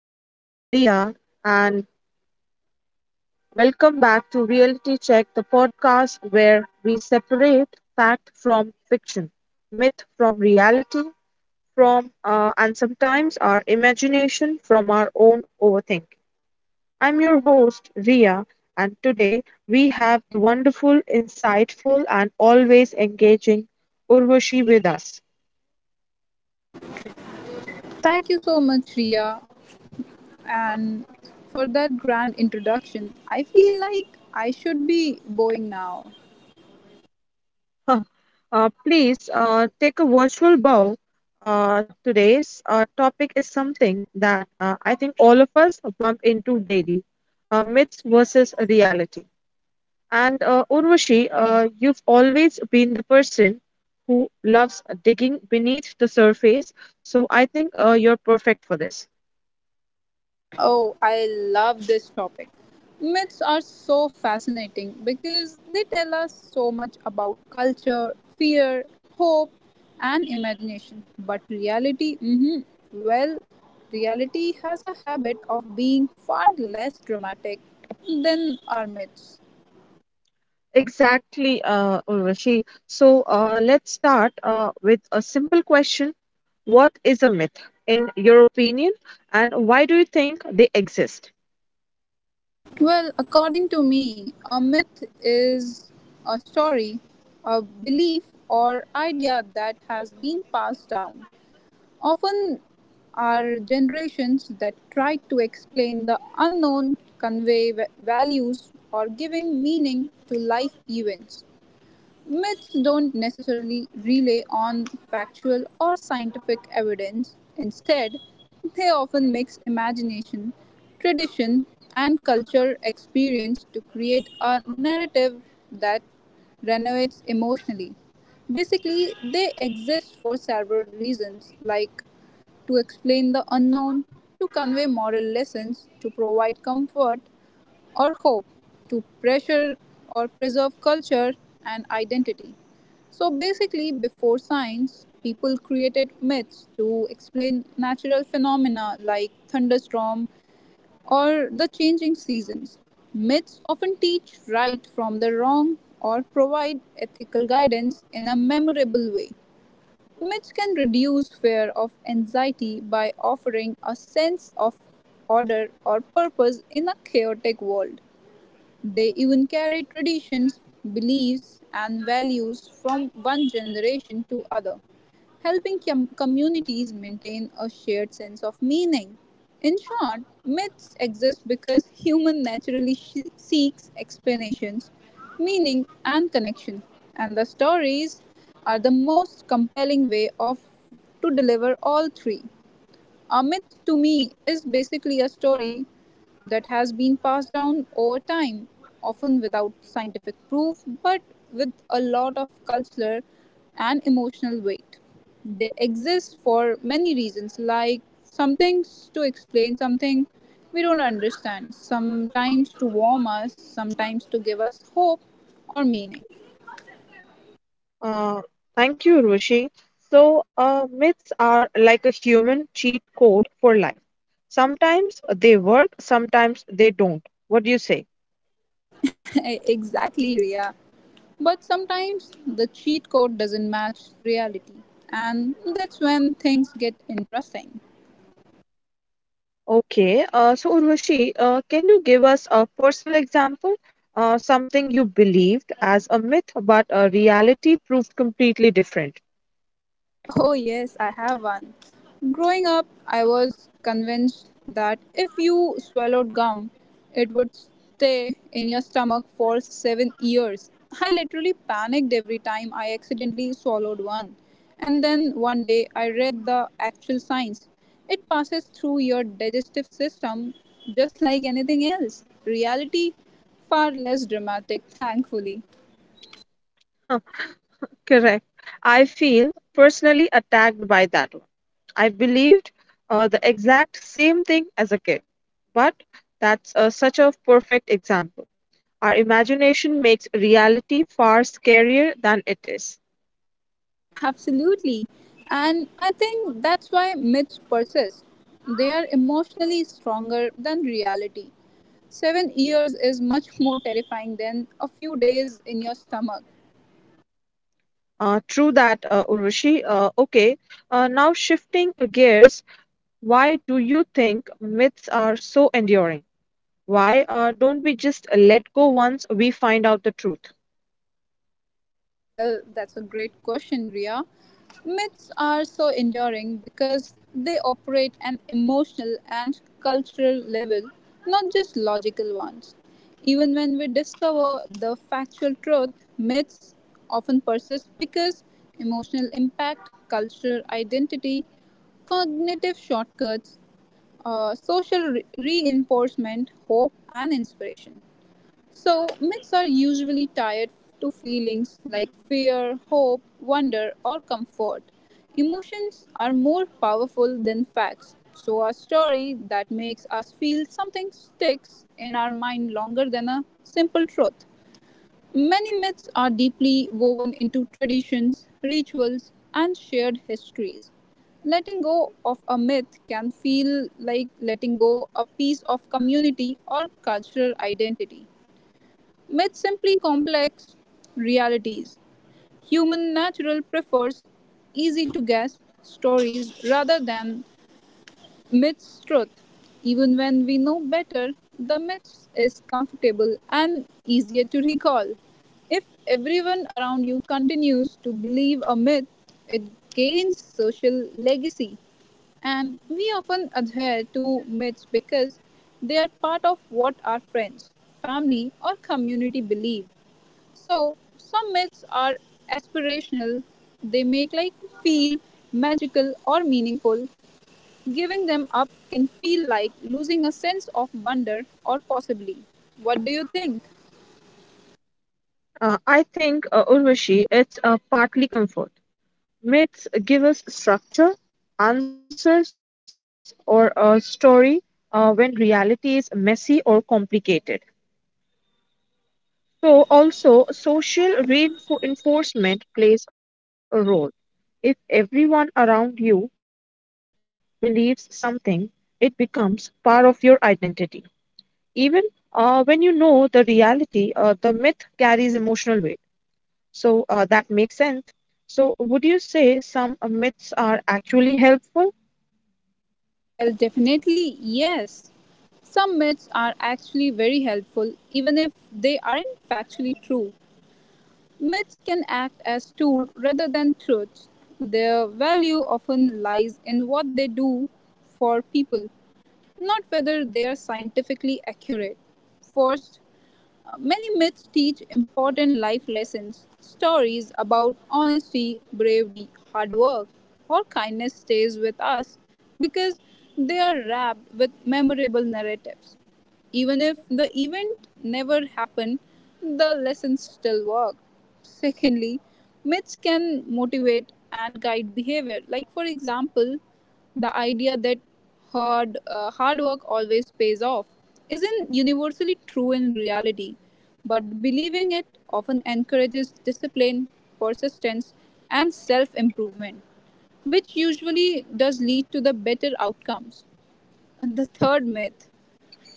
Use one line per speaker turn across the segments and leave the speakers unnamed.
name is Ria, and welcome back to Reality Check, the podcast where we separate fact from fiction, myth from reality, from and sometimes our imagination from our own overthinking. I'm your host, Ria, and today we have the wonderful, insightful, and always engaging Urvashi with us.
Thank you so much, Ria, and for that grand introduction. I feel like I should be going now.
Huh. Please take a virtual bow. Today's topic is something that I think all of us bump into daily, myths versus reality. And Urvashi, you've always been the person who loves digging beneath the surface, so I think you're perfect for this.
Oh, I love this topic. Myths are so fascinating because they tell us so much about culture, fear, hope, and imagination. But reality, well, reality has a habit of being far less dramatic than our myths.
Exactly, Urvashi. So let's start with a simple question. What is a myth, in your opinion, and why do you think they exist?
Well, according to me, a myth is a story, a belief, or idea that has been passed down. Often are generations that try to explain the unknown, convey values, or giving meaning to life events. Myths don't necessarily rely on factual or scientific evidence. Instead, they often mix imagination, tradition, and culture experience to create a narrative that resonates emotionally. Basically, they exist for several reasons, like to explain the unknown, to convey moral lessons, to provide comfort, or hope, to pressure or preserve culture and identity. So basically, before science, people created myths to explain natural phenomena like thunderstorm or the changing seasons. Myths often teach right from the wrong or provide ethical guidance in a memorable way. Myths can reduce fear of anxiety by offering a sense of order or purpose in a chaotic world. They even carry traditions, beliefs, and values from one generation to other, helping communities maintain a shared sense of meaning. In short, myths exist because human naturally seeks explanations, meaning, and connection, and the stories are the most compelling way of to deliver all three. A myth to me is basically a story that has been passed down over time, often without scientific proof, but with a lot of cultural and emotional weight. They exist for many reasons, like some to explain something we don't understand, sometimes to warm us, sometimes to give us hope or meaning.
Uh, Thank you, Urvashi. So, myths are like a human cheat code for life. Sometimes they work, sometimes they don't. What do you say?
Exactly, Ria. But sometimes the cheat code doesn't match reality, and that's when things get interesting.
Okay, so Urvashi, can you give us a personal example, something you believed as a myth, but a reality proved completely different?
Oh, yes, I have one. Growing up, I was convinced that if you swallowed gum, it would stay in your stomach for 7 years. I literally panicked every time I accidentally swallowed one. And then one day, I read the actual science. It passes through your digestive system just like anything else. Reality, far less dramatic, thankfully.
Huh. Correct. I feel personally attacked by that one. I believed the exact same thing as a kid, but that's such a perfect example. Our imagination makes reality far scarier than it is.
Absolutely. And I think that's why myths persist. They are emotionally stronger than reality. 7 years is much more terrifying than a few days in your stomach.
True that, Urvashi. Okay, now shifting gears, why do you think myths are so enduring? Why don't we just let go once we find out the truth?
Well, that's a great question, Ria. Myths are so enduring because they operate an emotional and cultural level, not just logical ones. Even when we discover the factual truth, myths often persist because emotional impact, cultural identity, cognitive shortcuts, social reinforcement, hope, and inspiration. So, myths are usually tied to feelings like fear, hope, wonder, or comfort. Emotions are more powerful than facts, so a story that makes us feel something sticks in our mind longer than a simple truth. Many myths are deeply woven into traditions, rituals, and shared histories. Letting go of a myth can feel like letting go a piece of community or cultural identity. Myths simply complex realities. Human natural prefers easy to guess stories rather than myths truth. Even when we know better, the myths is comfortable and easier to recall. If everyone around you continues to believe a myth, it gains social legacy. And we often adhere to myths because they are part of what our friends, family, or community believe. So some myths are aspirational. They make like feel magical or meaningful. Giving them up can feel like losing a sense of wonder or possibly. What do you think?
I think, Urvashi, it's partly comfort. Myths give us structure, answers, or a story when reality is messy or complicated. So, also, social reinforcement plays a role. If everyone around you believes something, it becomes part of your identity. Even when you know the reality, the myth carries emotional weight. So, that makes sense. So, would you say some myths are actually helpful?
Well, definitely yes. Some myths are actually very helpful even if they aren't factually true. Myths can act as tools rather than truths. Their value often lies in what they do for people not whether they are scientifically accurate. First, many myths teach important life lessons. Stories about honesty, bravery, hard work, or kindness stays with us because they are wrapped with memorable narratives. Even if the event never happened, the lessons still work. Secondly, myths can motivate and guide behavior. Like, for example, the idea that hard work always pays off isn't universally true in reality, but believing it often encourages discipline, persistence, and self improvement, which usually does lead to the better outcomes. And the third myth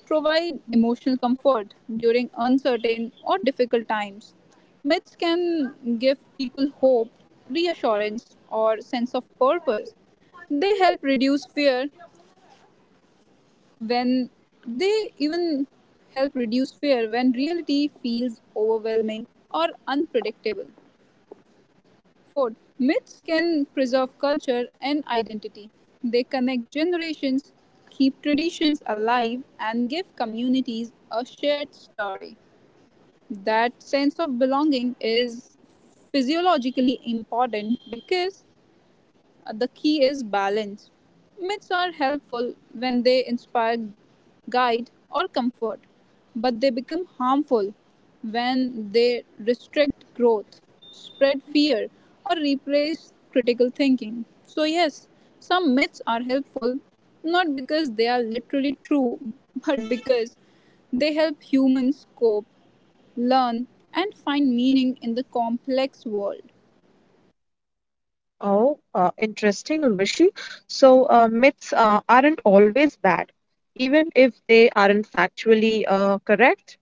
provide emotional comfort during uncertain or difficult times. Myths can give people hope, reassurance, or sense of purpose. They help reduce fear when they even help reduce fear when reality feels overwhelming or unpredictable. Fourth, myths can preserve culture and identity. They connect generations, keep traditions alive, and give communities a shared story. That sense of belonging is physiologically important because the key is balance. Myths are helpful when they inspire, guide, or comfort, but they become harmful when they restrict growth, spread fear, or replace critical thinking. So, yes, some myths are helpful not because they are literally true, but because they help humans cope, learn, and find meaning in the complex world.
Oh, interesting, Urvashi. So, myths aren't always bad, even if they aren't factually correct.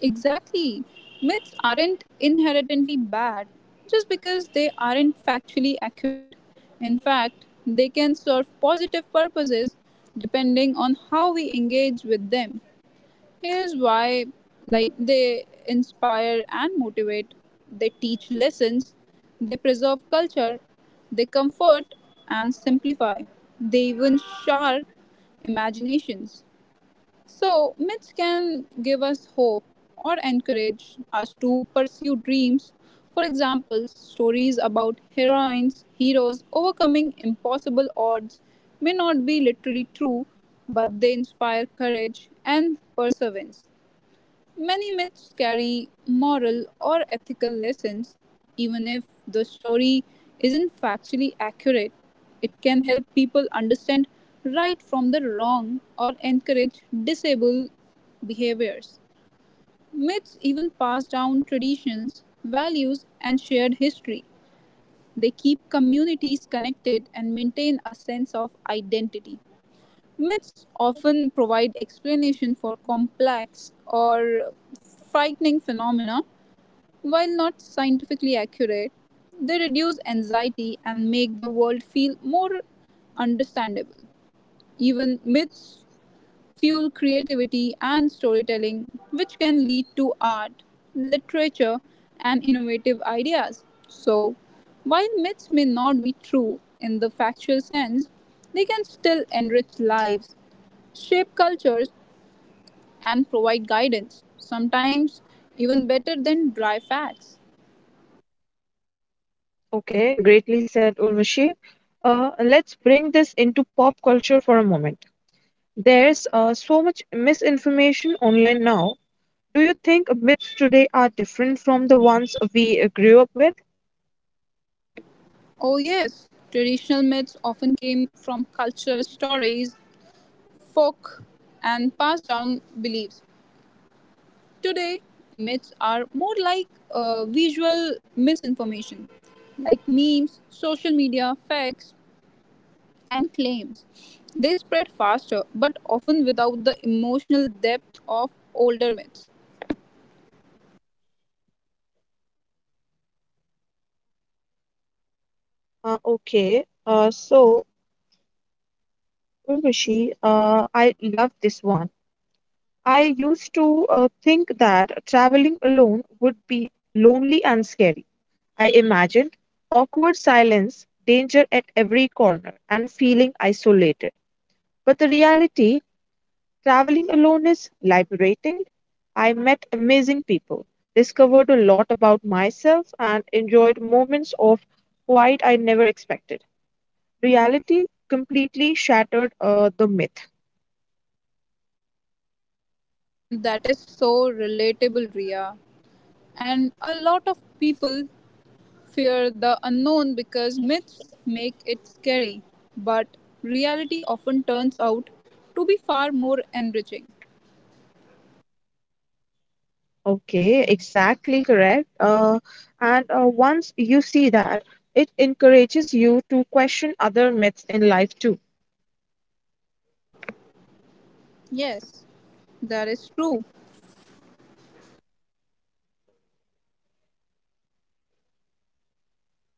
Exactly. Myths aren't inherently bad just because they aren't factually accurate. In fact, they can serve positive purposes depending on how we engage with them. Here's why like they inspire and motivate, they teach lessons, they preserve culture, they comfort and simplify. They even sharp imaginations. So, myths can give us hope or encourage us to pursue dreams. For example, stories about heroines, heroes overcoming impossible odds may not be literally true, but they inspire courage and perseverance. Many myths carry moral or ethical lessons, even if the story isn't factually accurate. It can help people understand right from the wrong or encourage disable behaviors. Myths even pass down traditions, values, and shared history. They keep communities connected and maintain a sense of identity. Myths often provide explanation for complex or frightening phenomena, while not scientifically accurate. They reduce anxiety and make the world feel more understandable. Even myths fuel creativity and storytelling, which can lead to art, literature, and innovative ideas. So, while myths may not be true in the factual sense, they can still enrich lives, shape cultures, and provide guidance, sometimes even better than dry facts.
Okay, greatly said Urvashi. Let's bring this into pop culture for a moment. There's so much misinformation online now. Do you think myths today are different from the ones we grew up with?
Oh, yes, traditional myths often came from culture stories, folk, and passed down beliefs. Today, myths are more like visual misinformation, like memes, social media, facts, and claims. They spread faster, but often without the emotional depth of older myths.
Okay, so Urvashi, I love this one. I used to think that traveling alone would be lonely and scary. I imagined awkward silence, danger at every corner, and feeling isolated. But the reality, traveling alone is liberating. I met amazing people, discovered a lot about myself, and enjoyed moments of quiet I never expected. Reality completely shattered the myth.
That is so relatable, Ria. And a lot of people fear the unknown because myths make it scary. But reality often turns out to be far more enriching.
Okay, exactly correct. And once you see that, it encourages you to question other myths in life too.
Yes, that is true.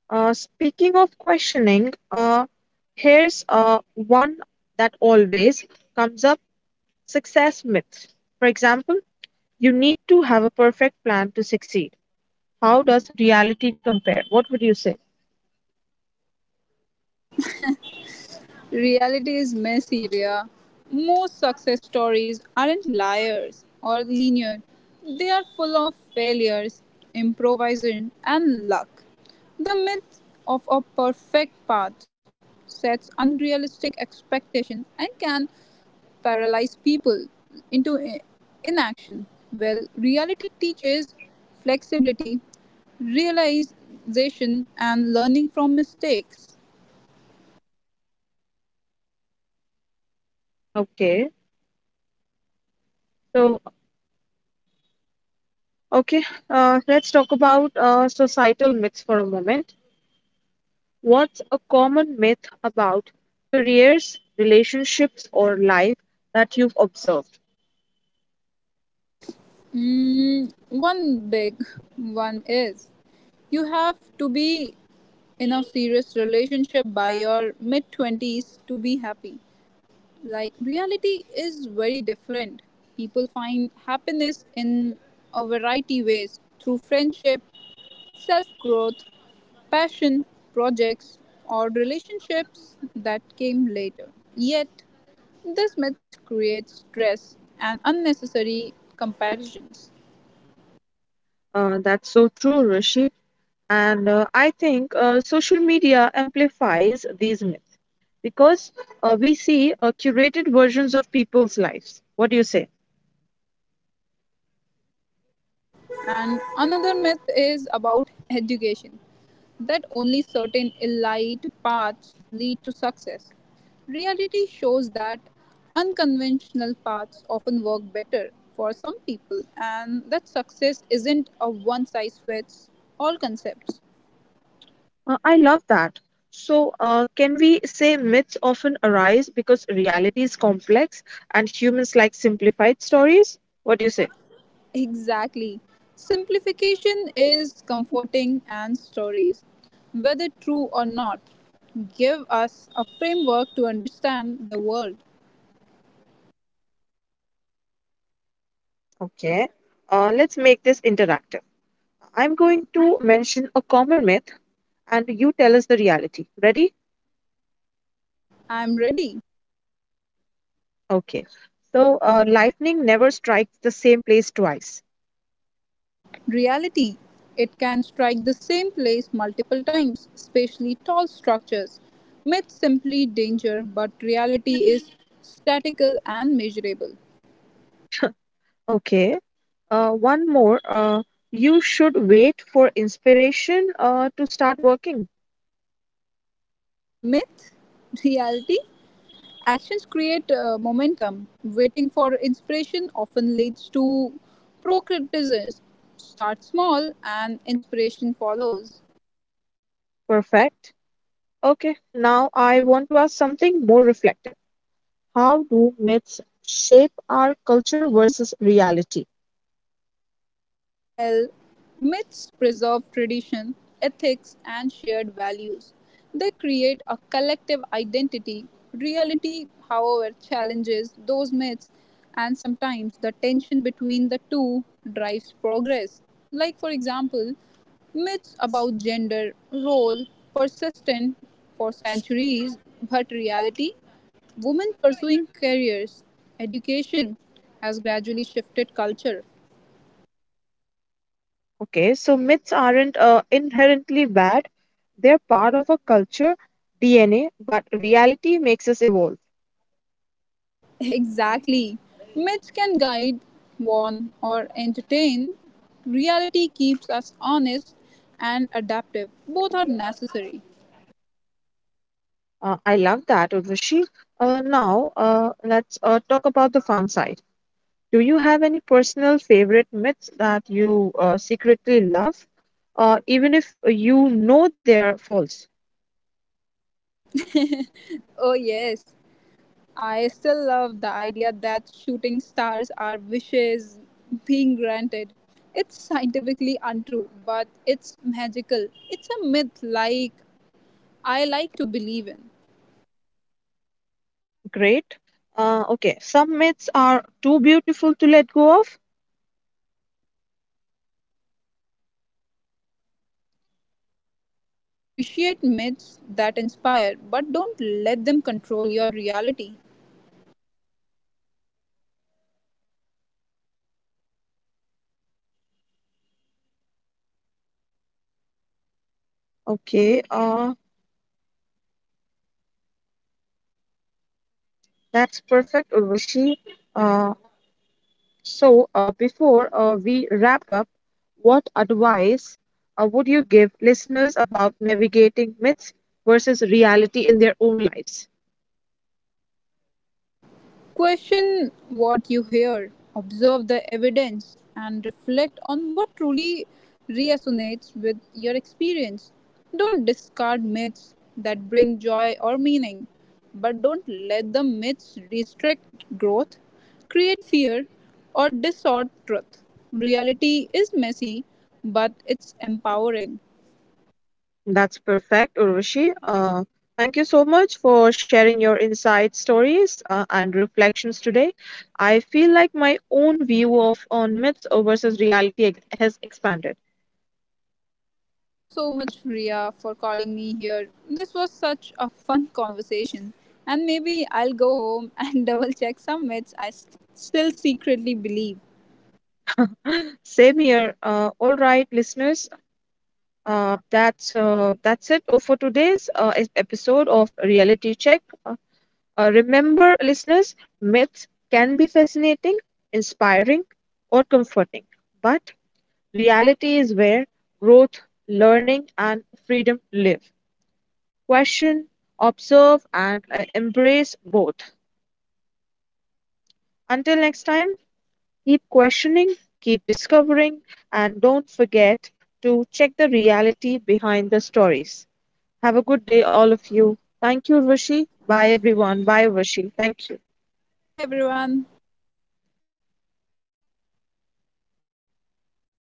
Speaking of questioning, here's one that always comes up. Success myths. For example, you need to have a perfect plan to succeed. How does reality compare? What would you say?
Reality is messy, Ria. Most success stories aren't liars or linear. They are full of failures, improvisation, and luck. The myth of a perfect path sets unrealistic expectations and can paralyze people into inaction. Well, reality teaches flexibility, realization, and learning from mistakes.
Okay. So, okay, let's talk about societal myths for a moment. What's a common myth about careers, relationships, or life that you've observed?
One big one is you have to be in a serious relationship by your mid 20s to be happy. Like, reality is very different. People find happiness in a variety ways through friendship, self growth, passion, projects, or relationships that came later. Yet, this myth creates stress and unnecessary comparisons.
That's so true, Rishi. And I think social media amplifies these myths because we see curated versions of people's lives. What do you say?
Absolutely, Ria. And another myth is about education that only certain elite paths lead to success. Reality shows that unconventional paths often work better for some people, and that success isn't a one size fits all concept.
I love that. So, can we say myths often arise because reality is complex and humans like simplified stories? What do you say?
Exactly. Simplification is comforting, and stories, whether true or not, give us a framework to understand the world.
Okay. Let's make this interactive. I'm going to mention a common myth and you tell us the reality. Ready?
I'm ready.
Okay. So, lightning never strikes the same place twice.
Reality. It can strike the same place multiple times, especially tall structures. Myth simply danger, but reality is statical and measurable.
Okay. One more. You should wait for inspiration to start working.
Myth, reality, actions create momentum. Waiting for inspiration often leads to procrastination. Start small and inspiration follows.
Perfect. Okay, now I want to ask something more reflective. How do myths shape our culture versus reality?
Well, myths preserve tradition, ethics, and shared values. They create a collective identity. Reality, however, challenges those myths, and sometimes the tension between the two drives progress. Like, for example, myths about gender role persistent for centuries, but reality women pursuing careers, education has gradually shifted culture.
Okay, so myths aren't inherently bad, they're part of a culture DNA, but reality makes us evolve.
Exactly. Myths can guide, warn, or entertain. Reality keeps us honest and adaptive. Both are necessary.
I love that, Urvashi. Now, let's talk about the fun side. Do you have any personal favorite myths that you secretly love, even if you know they're false?
Oh, yes. I still love the idea that shooting stars are wishes being granted. It's scientifically untrue, but it's magical. It's a myth like I like to believe in.
Great. Okay. Some myths are too beautiful to let go of.
Exactly, Ria. It's about balance. Appreciate myths that inspire, but don't let them control your reality.
Okay. That's perfect, Urvashi. Uh, so, before we wrap up, what advice would you give listeners about navigating myths versus reality in their own lives?
Well, question what you hear, observe the evidence, and reflect on what truly resonates with your experience. Don't discard myths that bring joy or meaning, but don't let the myths restrict growth, create fear, or distort truth. Reality is messy, but it's empowering.
That's perfect, Urvashi. Thank you so much for sharing your insights, stories, and reflections today. I feel like my own view of on myths versus reality has expanded.
Thank you so much, Ria, for calling me here. This was such a fun conversation. And maybe I'll go home and double check some myths I still secretly believe.
Same here. All right, listeners. That's it for today's episode of Reality Check. Remember, listeners, myths can be fascinating, inspiring, or comforting, but reality is where growth, learning, and freedom live. Question, observe, and embrace both. Until next time, keep questioning, keep discovering, and don't forget to check the reality behind the stories. Have a good day, all of you. Thank you, Urvashi. Bye, everyone. Bye, Urvashi. Thank you.
Bye bye, everyone.